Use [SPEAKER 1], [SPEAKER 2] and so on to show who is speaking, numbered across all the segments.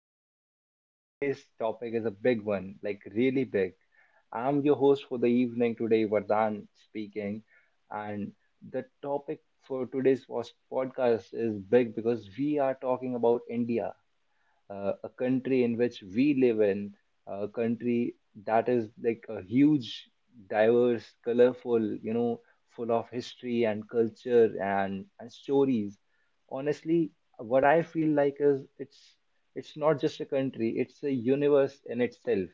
[SPEAKER 1] podcast. And today's topic is a big one, like really big. I'm your host for the evening today, Vardhan speaking. And the topic for today's podcast is big because we are talking about India, a country in which we live in, a country that is like a huge, diverse, colorful, full of history and culture and stories. Honestly, what I feel like is it's not just a country; it's a universe in itself.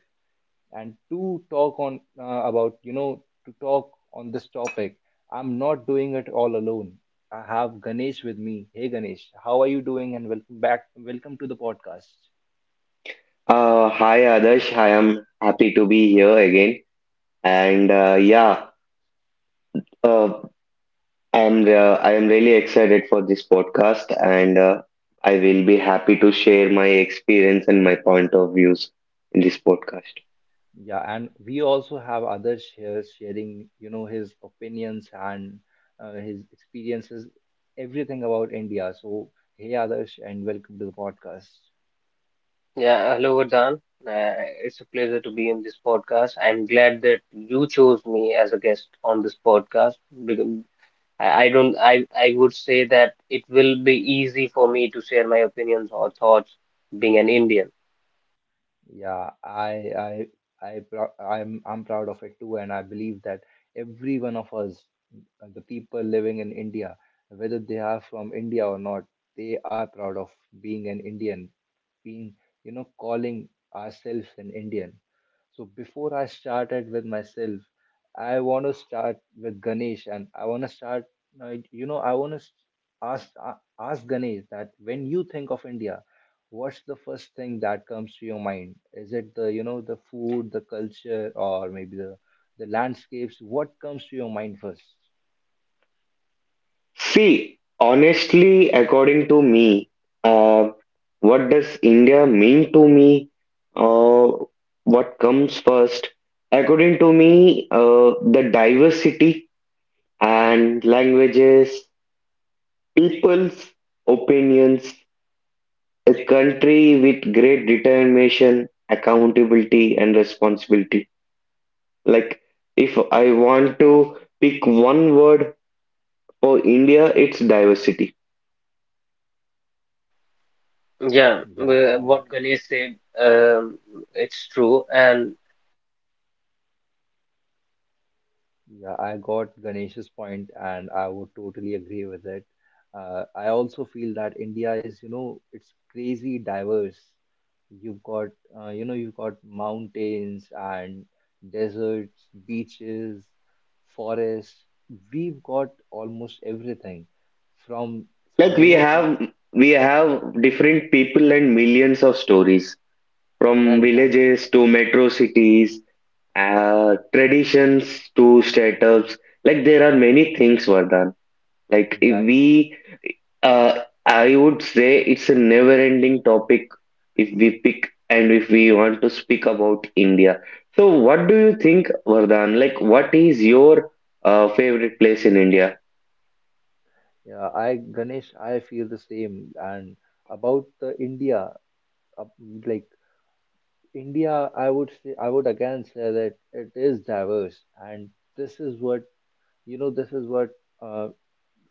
[SPEAKER 1] And to talk on about to talk on this topic, I'm not doing it all alone. I have Ganesh with me. Hey Ganesh, how are you doing? And welcome back. Welcome to the podcast.
[SPEAKER 2] Hi Adarsh, I am happy to be here again, and yeah, uh, I am really excited for this podcast, and I will be happy to share my experience and my point of views in this podcast.
[SPEAKER 1] Yeah, and we also have other shares sharing, you know, his opinions and his experiences, everything about India. So, hey, Adarsh, and welcome to the podcast.
[SPEAKER 3] Yeah, hello, Vardhan. Uh, it's a pleasure to be in this podcast. I'm glad that you chose me as a guest on this podcast. Because I don't, I would say that it will be easy for me to share my opinions or thoughts being an Indian.
[SPEAKER 1] Yeah, I, I, I'm proud of it too, and I believe that every one of us, the people living in India, whether they are from India or not, they are proud of being an Indian, being, calling ourselves an Indian. So before I started with myself, I want to start with Ganesh, and I want to ask uh, ask Ganesh that when you think of India, what's the first thing that comes to your mind? Is it the you know the food, the culture, or maybe the landscapes? What comes to your mind first?
[SPEAKER 2] See, honestly, according to me, uh, what does India mean to me? Uh, what comes first? According to me, the diversity and languages. People's opinions. A country with great determination, accountability, and responsibility. Like, if I want to pick one word for India, it's diversity.
[SPEAKER 3] Yeah,
[SPEAKER 1] Yeah,
[SPEAKER 3] wh-
[SPEAKER 1] I,
[SPEAKER 3] what Ganesh said, it's true. And if you ask me that what comes to my mind
[SPEAKER 1] Yeah, I got
[SPEAKER 3] after
[SPEAKER 1] Ganesh's
[SPEAKER 3] hearing
[SPEAKER 1] point, and I would totally
[SPEAKER 3] uh,
[SPEAKER 1] agree with it. I also feel that India is, you know, it's crazy diverse. You've got, you've got mountains and deserts, beaches, forests. We've got almost everything from,
[SPEAKER 2] Like,
[SPEAKER 1] from, you
[SPEAKER 2] we
[SPEAKER 1] know,
[SPEAKER 2] have
[SPEAKER 1] from,
[SPEAKER 2] we have different people and millions of stories
[SPEAKER 1] Yeah,
[SPEAKER 2] from
[SPEAKER 1] exactly.
[SPEAKER 2] villages to metro cities, traditions to startups. Like, there are many things, Vardhan. Like, if
[SPEAKER 1] Yeah,
[SPEAKER 2] we Uh, I would say it's a never-ending topic if we pick and if we want to speak about India. So, what do you think, Vardhan? Like, what is your favorite place in India?
[SPEAKER 1] yeah. I, Ganesh, I feel the same. And about the India, uh, like India, I would again say that it is diverse, and this is what you know. This is what uh,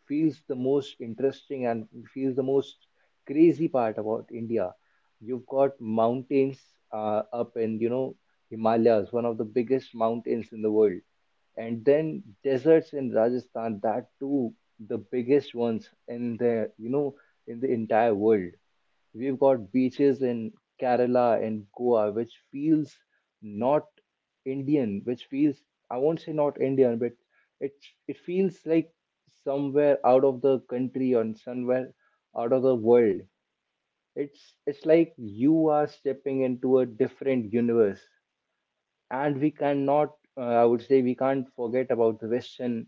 [SPEAKER 1] feels the most interesting and feels the most crazy part about India. You've got mountains up in Himalayas, one of the biggest mountains in the world, and then deserts in Rajasthan, that too the biggest ones in the you know in the entire world. We've got beaches in Kerala and Goa, which feels not Indian, which feels, I won't say not Indian, but it it feels like somewhere out of the country or somewhere out of the world. It's like you are stepping into a different universe, and we cannot. I would say we can't forget about the western,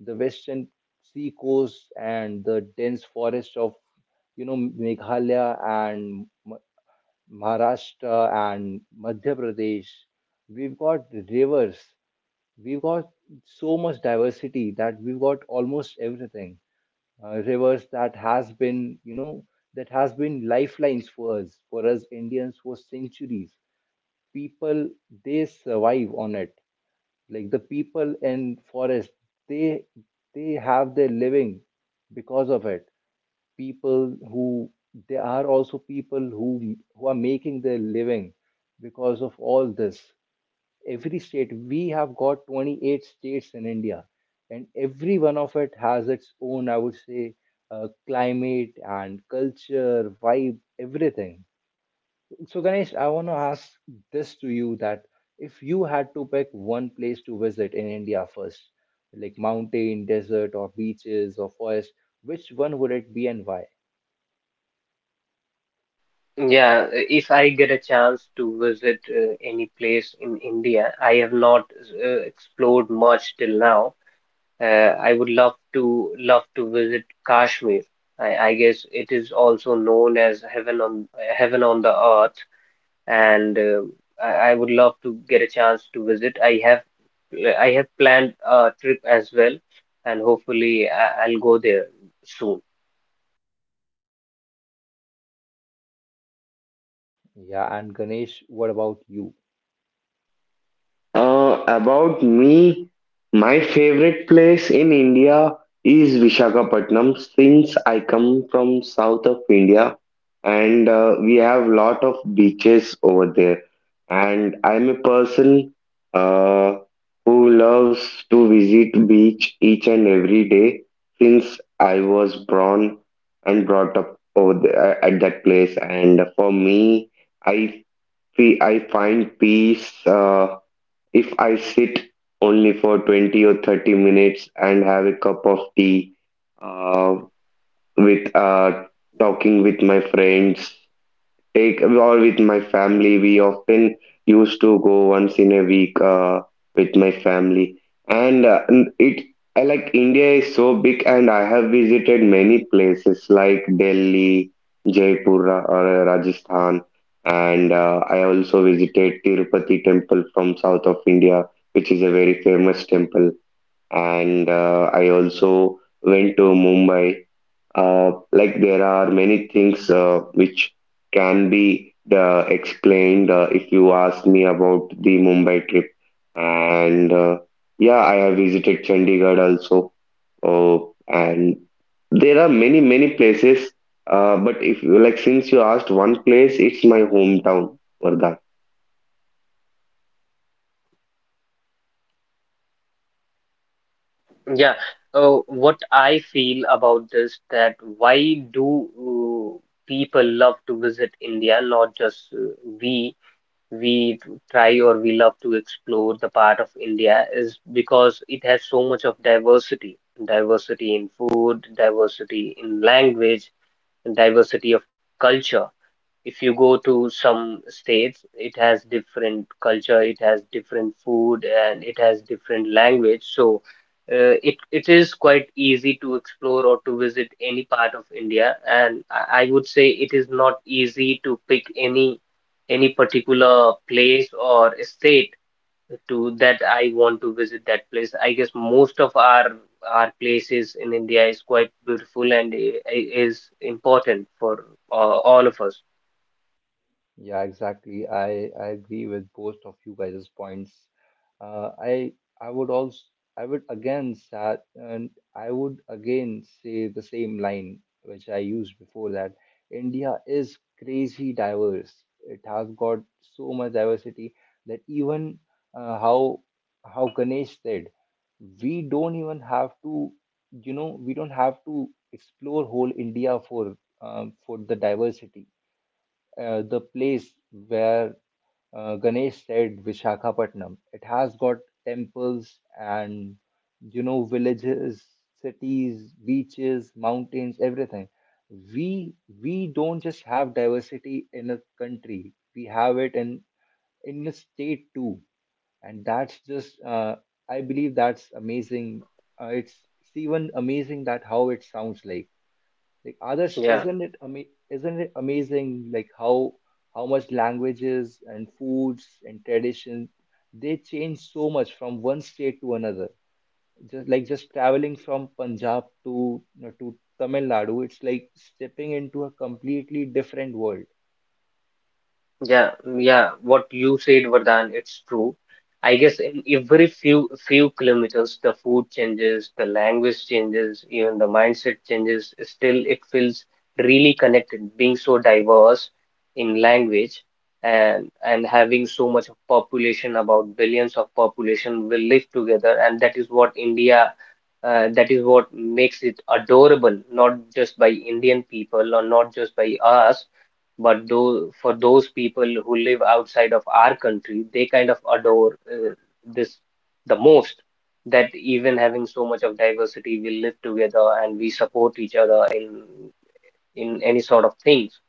[SPEAKER 1] the western sea coast and the dense forest of Meghalaya and Maharashtra and Madhya Pradesh. We've got rivers, we've got so much diversity that we've got almost everything. Rivers that has been lifelines for us Indians for centuries. People, they survive on it. Like the people in forest, they they have their living because of it. People who, they are also people who are making their living because of all this. Every state we have got 28 states in India, and every one of it has its own, I would say, climate and culture, vibe, everything. So Ganesh, I want to ask this to you that if you had to pick one place to visit in India first, like mountain, desert, or beaches or forest, which one would it be and why?
[SPEAKER 3] Yeah, if I get a chance to visit any place in India, I have not explored much till now. I would love to visit Kashmir. I guess it is also known as heaven on the earth, and I would love to get a chance to visit. I have planned a trip as well, and hopefully I'll go there soon.
[SPEAKER 1] Yeah, and Ganesh, what about you?
[SPEAKER 2] About me, my favorite place in India is Vishakhapatnam since I come from south of India, and we have lot of beaches over there. And I'm a person uh, who loves to visit beach each and every day since I was born and brought up over there, at that place. And for me, I feel I find peace. If I sit only for 20 or 30 minutes and have a cup of tea uh, with talking with my friends, like, or with my family, we often used to go once in a week with my family, and n- it I like India is so big, and I have visited many places like Delhi, Jaipur, Rajasthan, and I also visited Tirupati temple from south of India, which is a very famous temple, and I also went to Mumbai. Like, there are many things which can be explained if you ask me about the Mumbai trip. And yeah, I have visited Chandigarh also. Oh, and there are many, many places. But if you like, since you asked one place, it's my hometown, Vardhan.
[SPEAKER 3] Yeah, what I feel about this that why do people love to visit India, not just we, we t- try or we love to explore the part of India is because it has so much of diversity, diversity in food, diversity in language, and diversity of culture. If you go to some states, it has different culture, it has different food, and it has different language. So it is quite easy to explore or to visit any part of India. And I would say it is not easy to pick any particular place or state to that I want to visit that place. I guess most of our places in India is quite beautiful and is important for uh, all of us.
[SPEAKER 1] Yeah, exactly. I agree with both of you guys' points. Uh, I I would also I would again sa and I would again say the same line which I used before, that India is crazy diverse. It has got so much diversity that even, uh, how how Ganesh said, we don't even have to. We don't have to explore whole India for for the diversity. The place where, Ganesh said, Vishakhapatnam. It has got temples and villages, cities, beaches, mountains, everything. We we don't just have diversity in a country. We have it in a state too, and that's just, I believe, that's amazing. Uh, it's it's even amazing that how it sounds like. Like Adarsh,
[SPEAKER 3] Yeah.
[SPEAKER 1] isn't it amazing, like how much languages and foods and traditions, they change so much from one state to another. Just like just traveling from Punjab to, to Tamil Nadu, it's like stepping into a completely different world.
[SPEAKER 3] Yeah, yeah, what you said, Vardhan, it's true. I guess in every few kilometers, the food changes, the language changes, even the mindset changes. Still, it feels really connected, being so diverse in language and having so much of population, about billions of population will live together, and that is what India, that is what makes it adorable, not just by Indian people or not just by us but though for those people who live outside of our country, they kind of adore this the most. That even having so much of diversity, we live together and we support each other in any sort of things.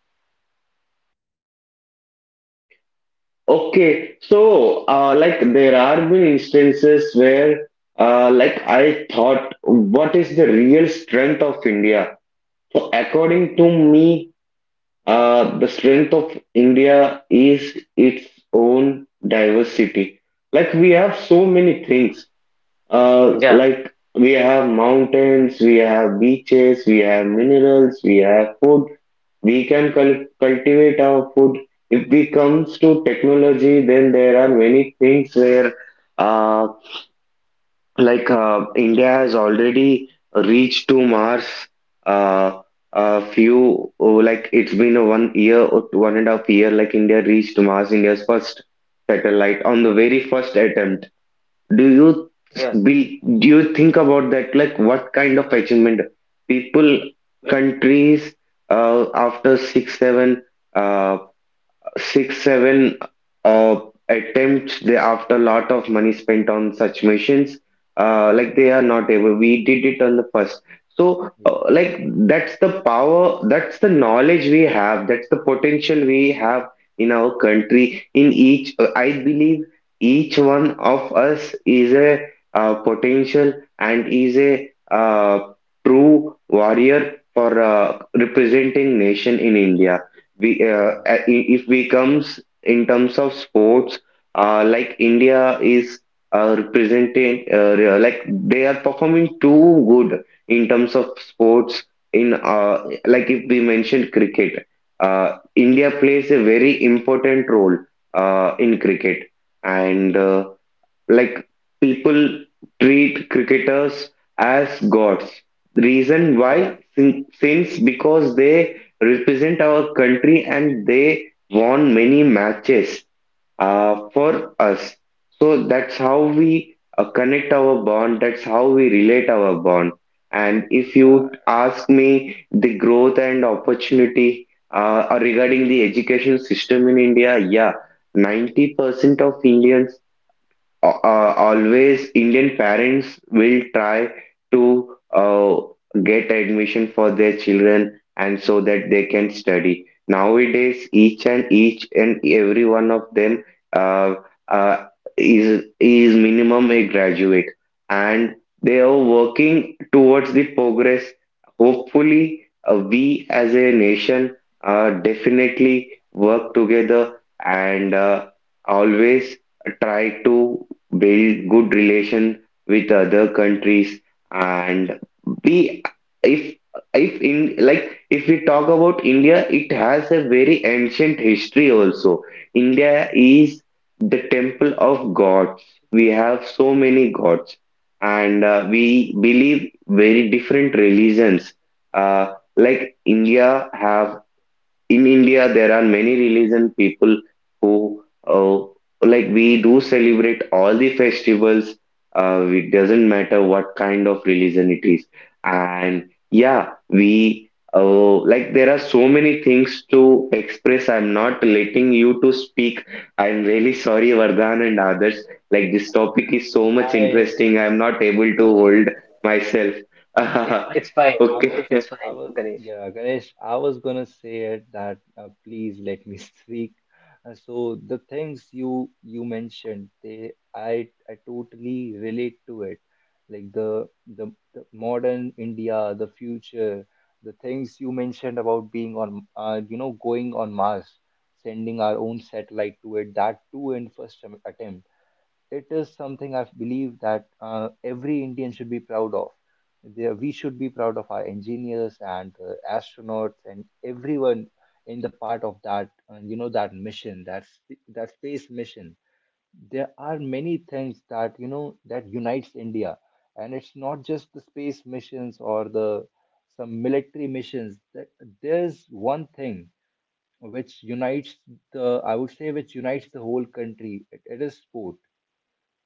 [SPEAKER 2] Okay, so like, there are been instances where like, I thought, what is the real strength of India? So according to me, the strength of India is its own diversity. Like, we have so many things.
[SPEAKER 3] Yeah,
[SPEAKER 2] Like, we have mountains, we have beaches, we have minerals, we have food. We can cultivate our food. If we comes to technology, then there are many things where uh, India has already reached to Mars. Uh, a few like, it's been a 1 year or 1.5 year. Like, India reached Mars, India's first satellite on the very first attempt. Do you
[SPEAKER 3] yeah,
[SPEAKER 2] do you think about that? Like, what kind of achievement people countries after 6 7. uh, six, seven uh, attempts after a lot of money spent on such missions, like they are not able. We did it on the first. So,
[SPEAKER 1] Yeah,
[SPEAKER 2] that's the power, that's the knowledge we have, that's the potential we have in our country. I believe each one of us is a potential and is a true warrior for representing nation in India.
[SPEAKER 1] yeah,
[SPEAKER 2] If we comes in terms of sports, India is represented, like, they are performing too good in terms of sports. In uh, like If we mentioned cricket, uh, India plays a very important role in cricket, and like people treat cricketers as gods, reason why
[SPEAKER 3] yeah.
[SPEAKER 2] since because they represent our country and they won many matches for us. So that's how we connect our bond, that's how we relate our bond. And if you
[SPEAKER 1] yeah.
[SPEAKER 2] ask me the growth and opportunity regarding the education system in India, yeah, 90% of Indians, always Indian parents will try to get admission for their children, and so that they can study. Nowadays, each and every one of them uh, uh, is minimum a graduate, and they are working towards the progress. Hopefully, we as a nation definitely work together and always try to build good relation with other countries. And we if if in like If we talk about India, it has a very ancient history also. India is the temple of gods. We have so many gods, and we believe very different religions. Like India have In India, there are many religion people who like we do celebrate all the festivals. It doesn't matter what kind of religion it is, and yeah, we like there are so many things to express. I'm not letting you to speak. I'm really sorry, Vardhan and others. Like, this topic is so much
[SPEAKER 1] I
[SPEAKER 2] interesting. I'm not able to
[SPEAKER 3] I- i-
[SPEAKER 2] hold myself.
[SPEAKER 3] It's fine.
[SPEAKER 1] I was,
[SPEAKER 2] Okay.
[SPEAKER 3] It's fine, Ganesh.
[SPEAKER 1] yeah, Ganesh, I was gonna say it that, please let me speak. So the things you mentioned, they I totally relate to it. Like the modern India, the future, the things you mentioned about being on, you know, going on Mars, sending our own satellite to it, that too in first attempt, it is something I believe that, every Indian should be proud of. There, we should be proud of our engineers and astronauts and everyone in the part of that, that mission, that that space mission. There are many things that, that unites India, and it's not just the space missions or the some military missions. There's one thing which unites the, I would say, which unites the whole country. It is sport.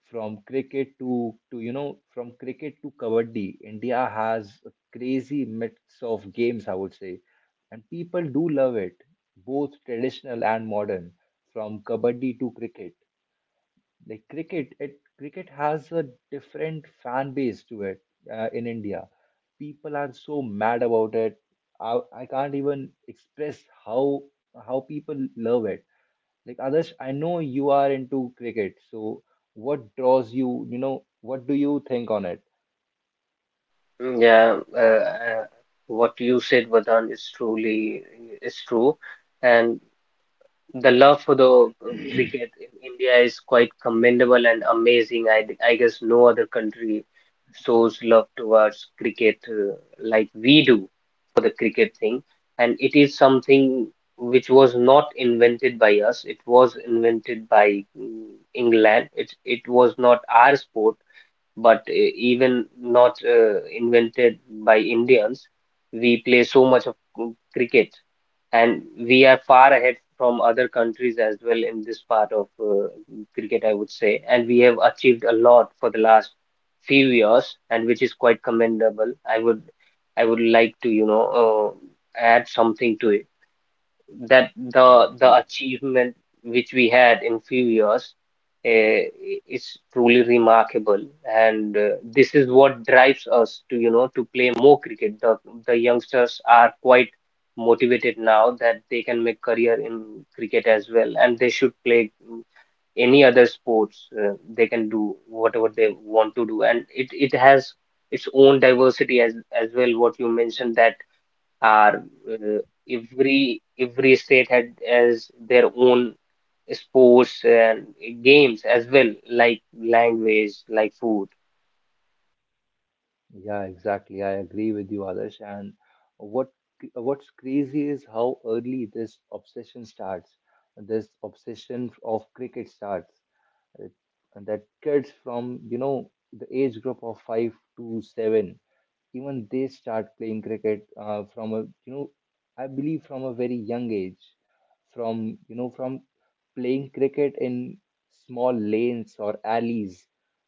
[SPEAKER 1] from cricket to to you know from cricket to kabaddi, India has a crazy mix of games, I would say, and people do love it, both traditional and modern. From kabaddi to cricket, like cricket has a different fan base to it, in India. People are so mad about it, I can't even express how how people love it. Like, others, I know you are into cricket, so what draws you you know what do you think on it?
[SPEAKER 3] Yeah, uh, uh, what you said, Vardhan, is truly is true, and the love for the cricket in India is quite commendable and amazing. I guess no other country shows love towards cricket like we do for the cricket thing. And it is something which was not invented by us. It was invented by England. It was not our sport but even not invented by Indians, we play so much of cricket, and we are far ahead from other countries as well in this part of cricket, I would say. And we have achieved a lot for the last few years, and which is quite commendable. I would like to, you know, add something to it that the
[SPEAKER 1] Yeah,
[SPEAKER 3] the
[SPEAKER 1] please.
[SPEAKER 3] achievement which we had in few years eh, is truly remarkable and this is what drives us to you know to play more cricket. The youngsters are quite motivated now that they can make career in cricket as well and they should play any other sports they can do whatever they want to do and it has its own diversity as well what you mentioned that are uh, every state had has their own sports and games as well, like language, like food.
[SPEAKER 1] Yeah, exactly, I agree with you, others. And what what's crazy is how early this obsession of cricket starts. uh, that kids from, the age group of 5 to 7, even they start playing cricket, from a, you know I believe from a very young age. From, playing cricket in small lanes or alleys,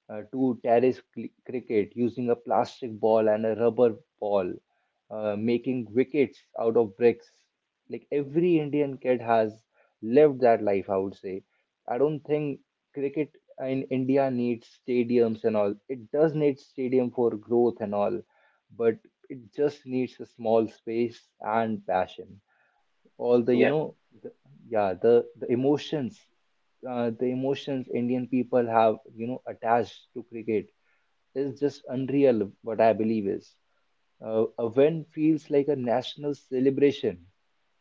[SPEAKER 1] to terrace cricket using a plastic ball and a rubber ball, making wickets out of bricks. Like every Indian kid has lived that life, I would say. I don't think cricket in India needs stadiums and all. It does need stadium for growth and all, but it just needs a small space and passion. all the you
[SPEAKER 3] Yeah.
[SPEAKER 1] know the, yeah, the emotions Indian people have, attached to cricket, is just unreal. What I believe is, a win feels like a national celebration,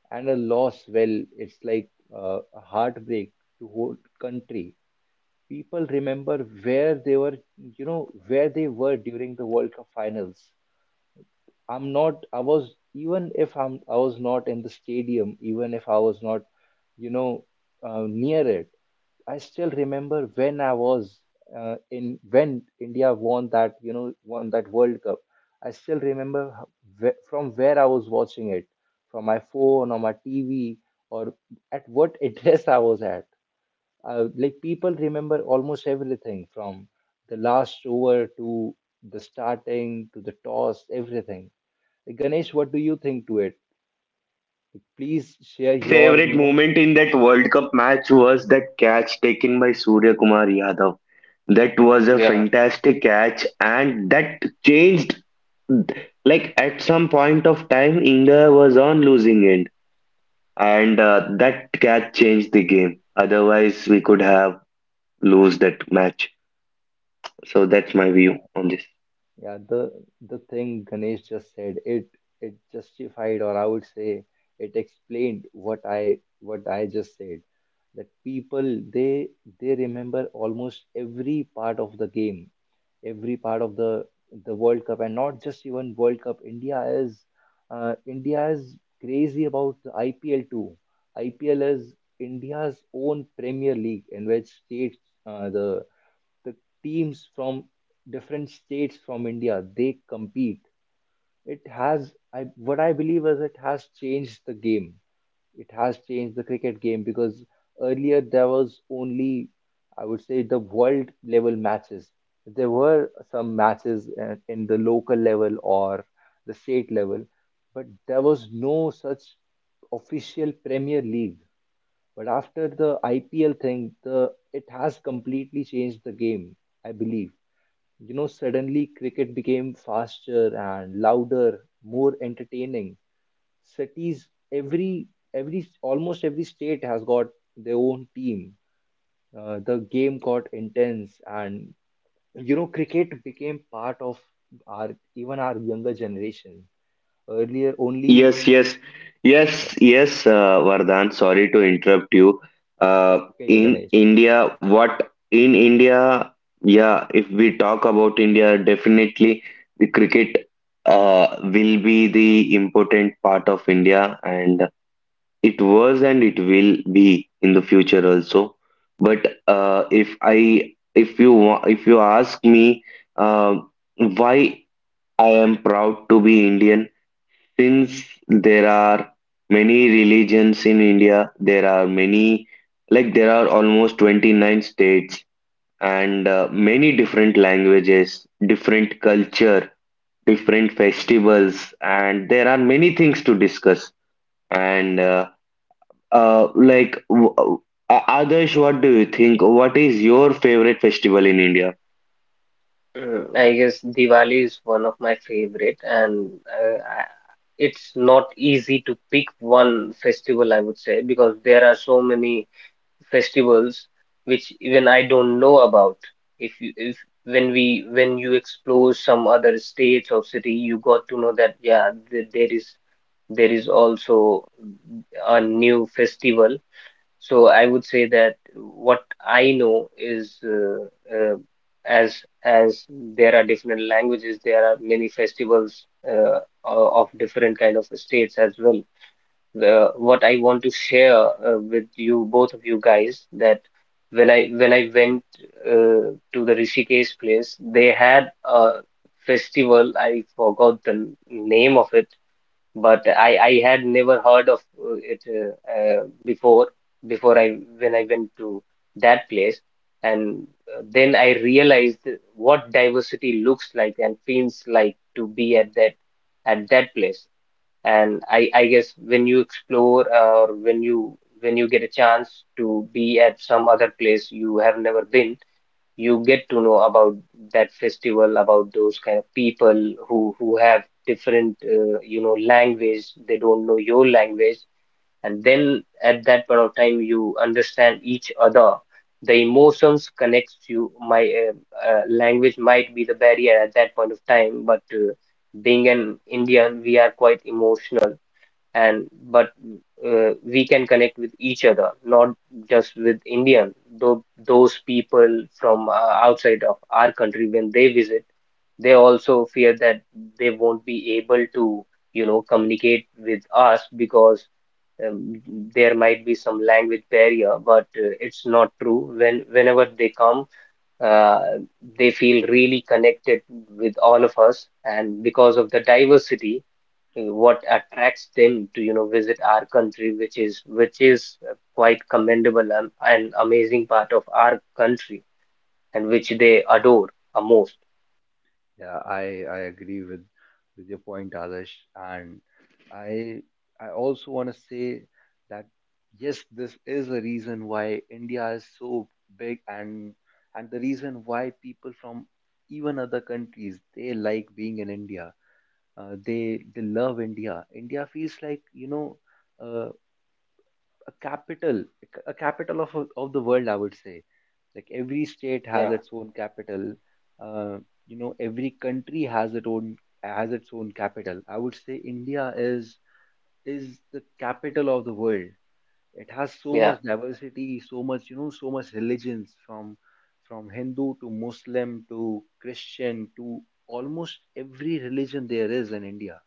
[SPEAKER 1] and a loss, well, it's like, a heartbreak to whole country. People remember where they were during the World Cup finals. I'm not, I was, even if I'm, I was not in the stadium, even if I was not, you know, near it, I still remember when when India won that World Cup. I still remember from where I was watching it, from my phone or my TV or at what address I was at. Like, people remember almost everything from the last over to the starting to the toss, everything. Ganesh, what do you think to it? Please share
[SPEAKER 2] My
[SPEAKER 1] your, you
[SPEAKER 2] favorite
[SPEAKER 1] know,
[SPEAKER 2] moment in that World Cup match was that catch taken by Surya Kumar Yadav. That was a
[SPEAKER 3] Yeah.
[SPEAKER 2] fantastic catch, and that changed. Like, at some point of time, India was on losing end, and that catch changed the game. Otherwise, we could have lose that match. So that's my
[SPEAKER 1] Yeah,
[SPEAKER 2] view on this.
[SPEAKER 1] yeah, the thing Ganesh just said, it justified, or I would say it explained what I just said. That people, they remember almost every part of the game, every part of the World Cup, and not just even World Cup. India is crazy about the IPL too. IPL is India's own Premier League in which states, uh, the the teams from different states from India, they compete. It has I what I believe is, it has changed the game. It has changed the cricket game because earlier there was only, I would say, the world level matches. There were some matches, in the local level or the state level, but there was no such official Premier League. But after the IPL thing, the it has completely changed the game, I believe. You know, suddenly cricket became faster and louder, more entertaining. Cities, every almost every state has got their own team. The game got intense, and, cricket became part of our even our younger generation. Earlier, only.
[SPEAKER 2] Yes, yes, yes,
[SPEAKER 1] Yes,
[SPEAKER 2] yes, Vardhan. Sorry to interrupt you. Uh,
[SPEAKER 1] that's okay, yeah, Ganesh.
[SPEAKER 2] In India? Yeah, if we talk about India, definitely the cricket will be the important part of India, and it was and it will be in the future also. But if I, if you, wa- if you ask me, uh, why I am proud to be Indian. Since there are many religions in India, there are many, like, there are almost 29 states and many different languages, different culture, different festivals, and there are many things to discuss. And uh, like, w- Adarsh, what do you think? What is your favorite festival in India?
[SPEAKER 3] I guess Diwali is one of my favorite, and uh, I- it's not easy to pick one festival, I would say, because there are so many festivals which even I don't know about. If you if when we when you explore some other states or city, you got to know that yeah, there is also a new festival. So I would say that what I know is uh, as there are different languages, there are many festivals of different kind of states as well what I want to share with you, both of you guys, that when I went to the Rishikesh place, they had a festival. I forgot the name of it, but I had never heard of it before before I when I went to that place, and then I realized what diversity looks like and feels like to be at that place and I guess when you explore or when you get a chance to be at some other place you have never been, you get to know about that festival, about those kind of people who have different you know language. They don't know your language, and then at that point of time you understand each other. The emotions connects you. My language might be the barrier at that point of time, but being an Indian, we are quite emotional and but we can connect with each other not just with Indian though those people from outside of our country when they visit they also fear that they won't be able to you know communicate with us because um, there might be some language barrier but it's not true when whenever they come uh, they feel really connected with all of us and because of the diversity what attracts them to you know visit our country which is quite commendable and an amazing part of our country and which they adore a most.
[SPEAKER 1] Yeah, I agree with your point, Adarsh. And I I also want to say that yes, this is a reason why India is so big and the reason why people from even other countries they like being in India. They love India. India feels like uh, a capital, a capital of the world, I would say. Like every state has
[SPEAKER 3] Yeah.
[SPEAKER 1] its own capital. Uh, every country has its own capital. I would say India is the capital of the world. It has so
[SPEAKER 3] yeah
[SPEAKER 1] much diversity, so much, you know, so much religions from Hindu to Muslim to Christian to almost every religion there is in India.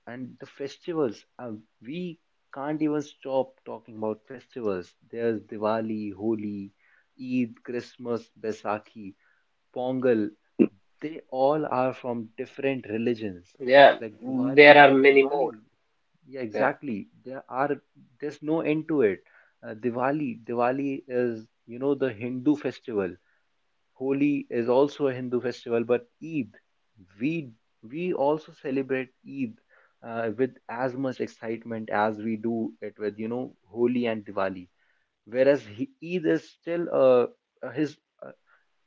[SPEAKER 1] And the festivals, we can't even stop talking about festivals. There's Diwali, Holi, Eid, Christmas, Baisakhi, Pongal. They all are from different religions.
[SPEAKER 3] yeah,
[SPEAKER 1] like diwali
[SPEAKER 3] there are
[SPEAKER 1] like
[SPEAKER 3] many
[SPEAKER 1] diwali
[SPEAKER 3] more.
[SPEAKER 1] Yeah,
[SPEAKER 3] Yeah.
[SPEAKER 1] exactly. There are, there's no end to it. Diwali is, you know, the Hindu festival. Holi is also a Hindu festival, but Eid, we we also celebrate Eid with as much excitement as we do it with, you know, Holi and Diwali. Whereas he, Eid is still a his uh,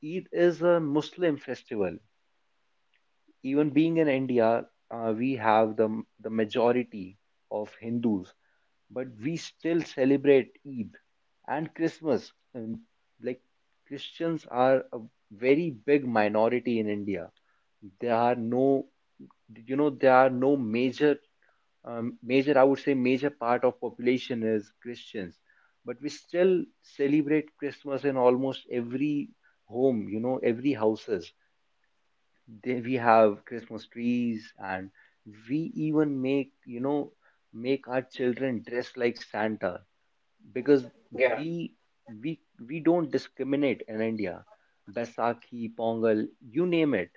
[SPEAKER 1] Eid is a Muslim festival. Even being in India, we have the majority of Hindus, but we still celebrate Eid and Christmas. And like, Christians are a very big minority in India. There are no, you know, there are no major, I would say major part of population is Christians, but we still celebrate Christmas in almost every home. You know, every houses they, we have Christmas trees, and we even make, you know, make our children dress like Santa, because
[SPEAKER 3] Yeah.
[SPEAKER 1] we we we don't discriminate in India. Baisakhi, Pongal, you name it.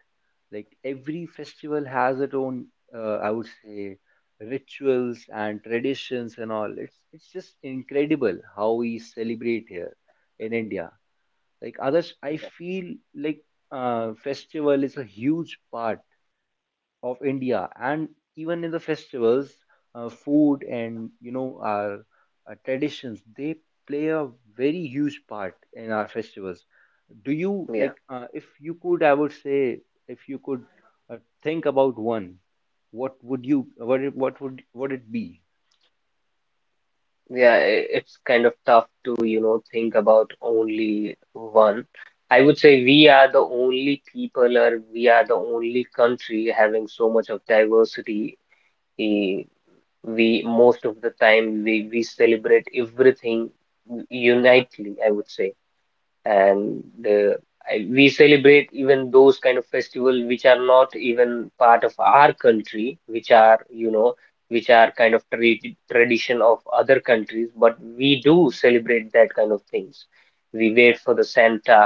[SPEAKER 1] Like every festival has its own, I would say, rituals and traditions and all. It's just incredible how we celebrate here in India, like others I
[SPEAKER 3] yeah
[SPEAKER 1] feel. Like, festival is a huge part of India, and even in the festivals, food and, you know, our traditions they play a very huge part in our festivals. Do you
[SPEAKER 3] yeah
[SPEAKER 1] like, if you could, I would say, if you could, think about one, what would you what it, what would what it be?
[SPEAKER 3] yeah, it's kind of tough to you know think about only one. I would say we are the only people or we are the only country having so much of diversity. eh, we most of the time we celebrate everything unitely, I would say, and we celebrate even those kind of festival which are not even part of our country which are you know which are kind of tradition of other countries but we do celebrate that kind of things. We wait for the Santa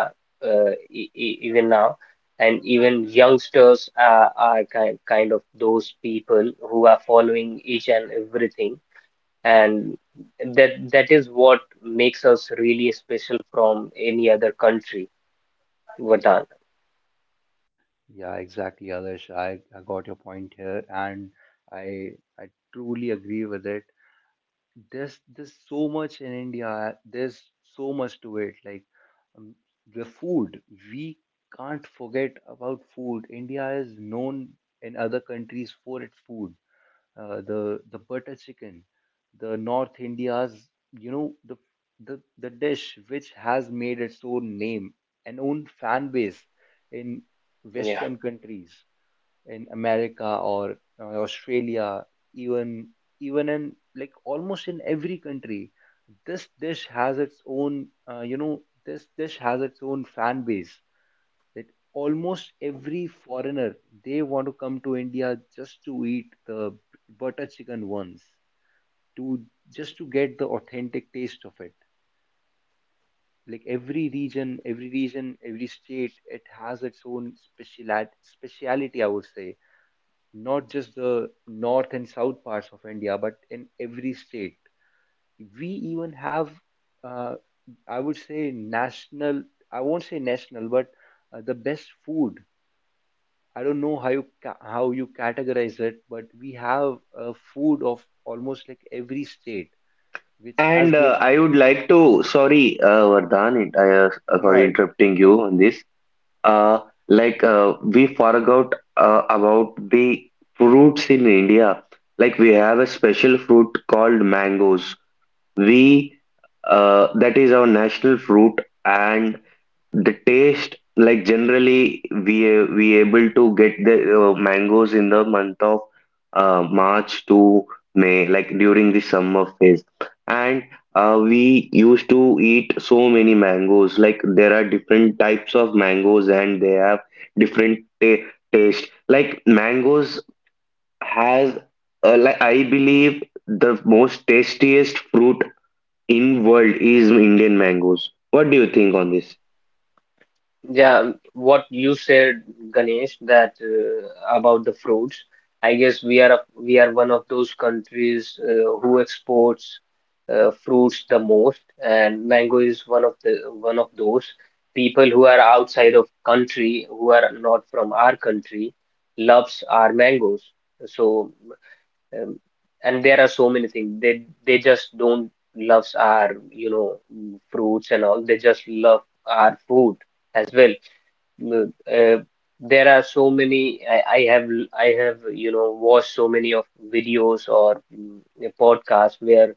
[SPEAKER 3] e e even now, and even youngsters are kind of those people who are following each and everything, and that is what makes us really special from any other country, Vatan.
[SPEAKER 1] Yeah, exactly. Others, I got your point here, and i I truly agree with it. There's so much in India. There's so much to it. Like, um, the food, we can't forget about food. India is known in other countries for its food. The butter chicken, the North India's, you know, the dish which has made its own name and own fan base in
[SPEAKER 3] Yeah
[SPEAKER 1] Western countries, in America or, Australia, even even in like almost in every country, this dish has its own, you know, this dish has its own fan base. That almost every foreigner, they want to come to India just to eat the butter chicken ones, to just to get the authentic taste of it. Like every region, every region, every state, it has its own specialit speciality, I would say, not just the north and south parts of India, but in every state. We even have, uh, I would say, national. I won't say national, but, the best food. I don't know how you ca- how you categorize it, but we have, food of almost like every state, which has
[SPEAKER 2] And
[SPEAKER 1] been up-
[SPEAKER 2] I would like to, sorry, Vardhan,
[SPEAKER 1] yeah,
[SPEAKER 2] sorry
[SPEAKER 1] it's
[SPEAKER 2] interrupting
[SPEAKER 1] okay.
[SPEAKER 2] you on this. uh, we forgot about the fruits in India. Like, we have a special fruit called mangoes. We That is our national fruit, and the taste, like, generally we able to get the mangoes in the month of March to May, like, during the summer phase. And we used to eat so many mangoes. Like, there are different types of mangoes and they have different taste. Like, mangoes has I believe the most tastiest fruit in world is Indian mangoes. What do you think on this?
[SPEAKER 3] Yeah, what you said, Ganesh, that about the fruits, I guess we are we are one of those countries who exports fruits the most, and mango is one of the one of those. People who are outside of country who are not from our country loves our mangoes, so Um, and there are so many things. They just don't love our, you know, fruits and all. They just love our food as well. Mm, uh, there are so many. I have I have you know watched so many of videos or podcasts where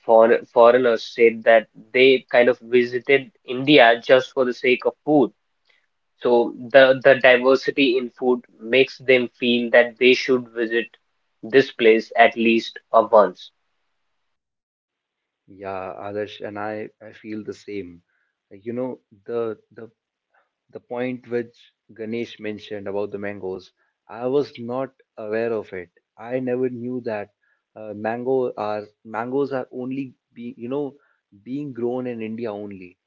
[SPEAKER 3] foreigners said that they kind of visited India just for the sake of food, so the diversity in food makes them feel that they should visit this place at least once.
[SPEAKER 1] Yeah, Adarsh, and I feel the same. Like, you know, the the point which Ganesh mentioned about the mangoes, I was not aware of it. I never knew that, mangoes are only be, you know, being grown in India only.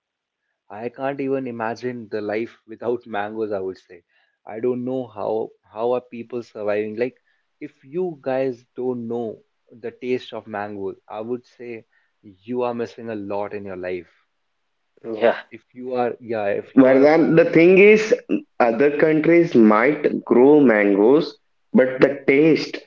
[SPEAKER 1] I can't even imagine the life without mangoes, I would say. I don't know how are people surviving. Like, if you guys don't know the taste of mangoes, I would say you are missing a lot in your life.
[SPEAKER 3] Yeah,
[SPEAKER 1] If you are, yeah, if you are a
[SPEAKER 2] Vardhan, the
[SPEAKER 1] food,
[SPEAKER 2] thing is, other countries might grow mangoes, but the taste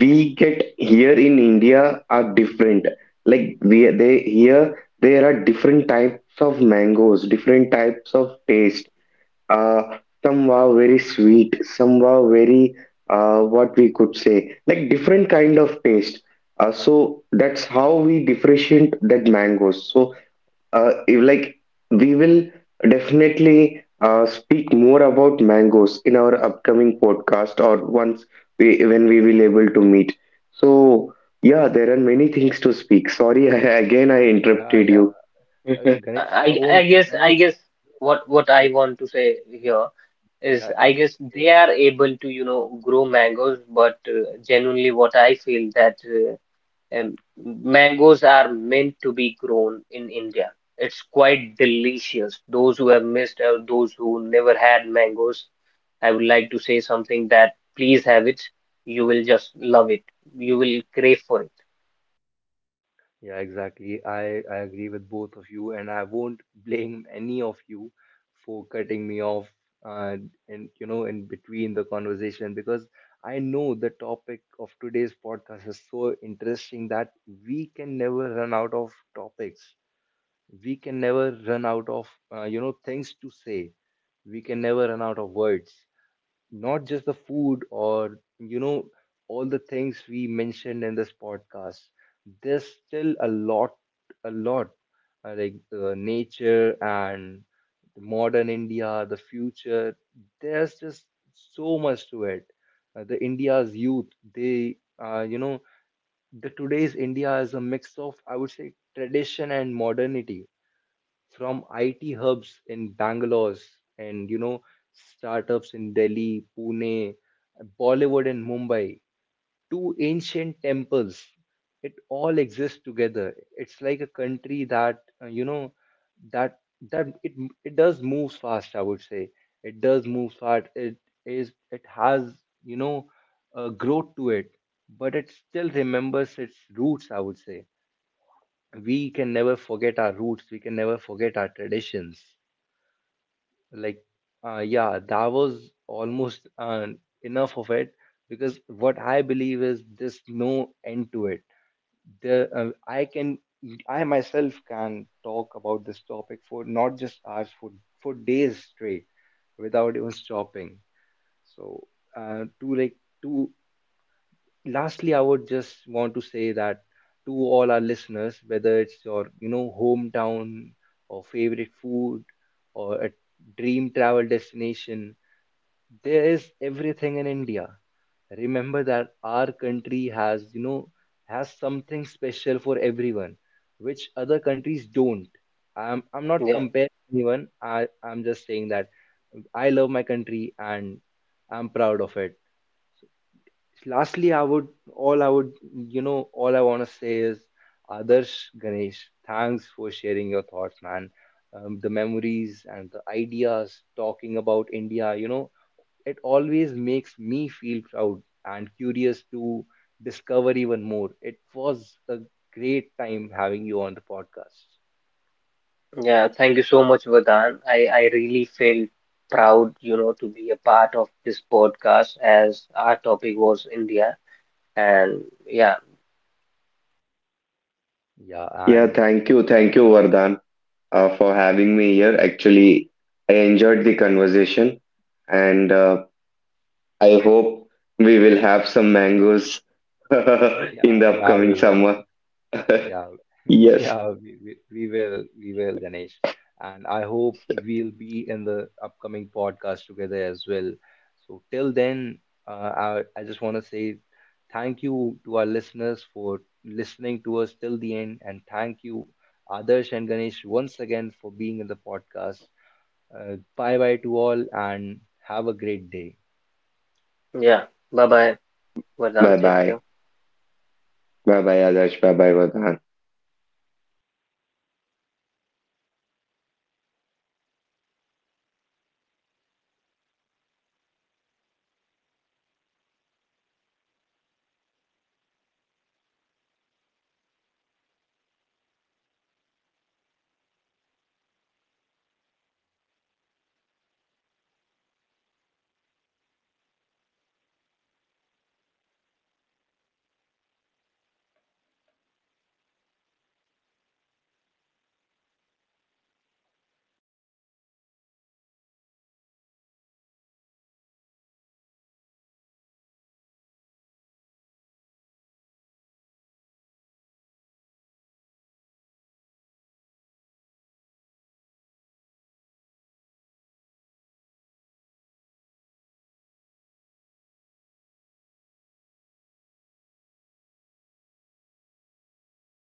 [SPEAKER 2] we get here in India are different. Like we they here there are different types of mangoes, different types of taste. Uh, some are very sweet, some are very what we could say, like, different kind of taste. So that's how we differentiate that mangoes. So like, we will definitely speak more about mangoes in our upcoming podcast, or once we when we will able to meet. So yeah, there are many things to speak. Sorry. Again, I
[SPEAKER 1] yeah,
[SPEAKER 2] interrupted you.
[SPEAKER 1] yeah. Ganesh, I
[SPEAKER 3] I
[SPEAKER 1] won't.
[SPEAKER 3] guess
[SPEAKER 1] Ganesh,
[SPEAKER 3] I guess what I want to say here is
[SPEAKER 1] yeah,
[SPEAKER 3] I
[SPEAKER 1] it's
[SPEAKER 3] guess
[SPEAKER 1] okay.
[SPEAKER 3] they are able to you know grow mangoes, but genuinely what I feel that. And mangoes are meant to be grown in India. It's quite delicious. Those who have missed out, those who never had mangoes, I would like to say something that please have it. You will just love it. You will crave for it.
[SPEAKER 1] Yeah, exactly. I agree with both of you, and I won't blame any of you for cutting me off, uh, and you know, in between the conversation, because I know the topic of today's podcast is so interesting that we can never run out of topics. We can never run out of, you know, things to say. We can never run out of words. Not just the food or, you know, all the things we mentioned in this podcast, there's still a lot, a lot, nature and the modern India, the future, there's just so much to it. Uh, the India's youth, they, you know, the today's India is a mix of, I would say, tradition and modernity, from IT hubs in Bangalore and, you know, startups in Delhi, Pune, Bollywood and Mumbai, to ancient temples. It all exists together. It's like a country that, you know, that that it does move fast. I would say it does move fast. It has, you know, a growth to it, but it still remembers its roots. I would say we can never forget our roots. We can never forget our traditions. Like, yeah, that was almost, enough of it, because what I believe is there's no end to it. The, I myself can talk about this topic for not just hours, for days straight, without even stopping. So, to like to lastly, I would just want to say that, to all our listeners, whether it's your, you know, hometown or favorite food or a dream travel destination, there is everything in India. Remember that our country has, you know, has something special for everyone, which other countries don't. I'm not
[SPEAKER 3] Yeah.
[SPEAKER 1] comparing anyone. I'm just saying that I love my country and I'm proud of it. Lastly, I would, you know, all I want to say is, Adarsh, Ganesh, thanks for sharing your thoughts, man. The memories and the ideas talking about India, you know, it always makes me feel proud and curious to discover even more. It was a great time having you on the podcast.
[SPEAKER 3] Yeah. Thank you so much, Vardhan. I really feel proud, you know, to be a part of this podcast as our topic was India. And yeah,
[SPEAKER 1] Yeah,
[SPEAKER 2] Yeah,
[SPEAKER 1] and
[SPEAKER 2] thank you Vardhan, for having me here. Actually, I enjoyed the conversation, and I hope we will have some mangoes in
[SPEAKER 1] yeah,
[SPEAKER 2] the
[SPEAKER 1] yeah,
[SPEAKER 2] upcoming
[SPEAKER 1] we will.
[SPEAKER 2] summer.
[SPEAKER 1] Yeah,
[SPEAKER 2] Yes.
[SPEAKER 1] yeah, we will, Ganesh. And I hope we'll be in the upcoming podcast together as well. So till then, I just want to say thank you to our listeners for listening to us till the end, and thank you, Adarsh and Ganesh, once again for being in the podcast. Bye bye to all, and have a great day.
[SPEAKER 3] yeah. Bye bye, Vardhan.
[SPEAKER 2] Bye
[SPEAKER 3] Take care.
[SPEAKER 2] bye. بابای آداب، بابای وطن.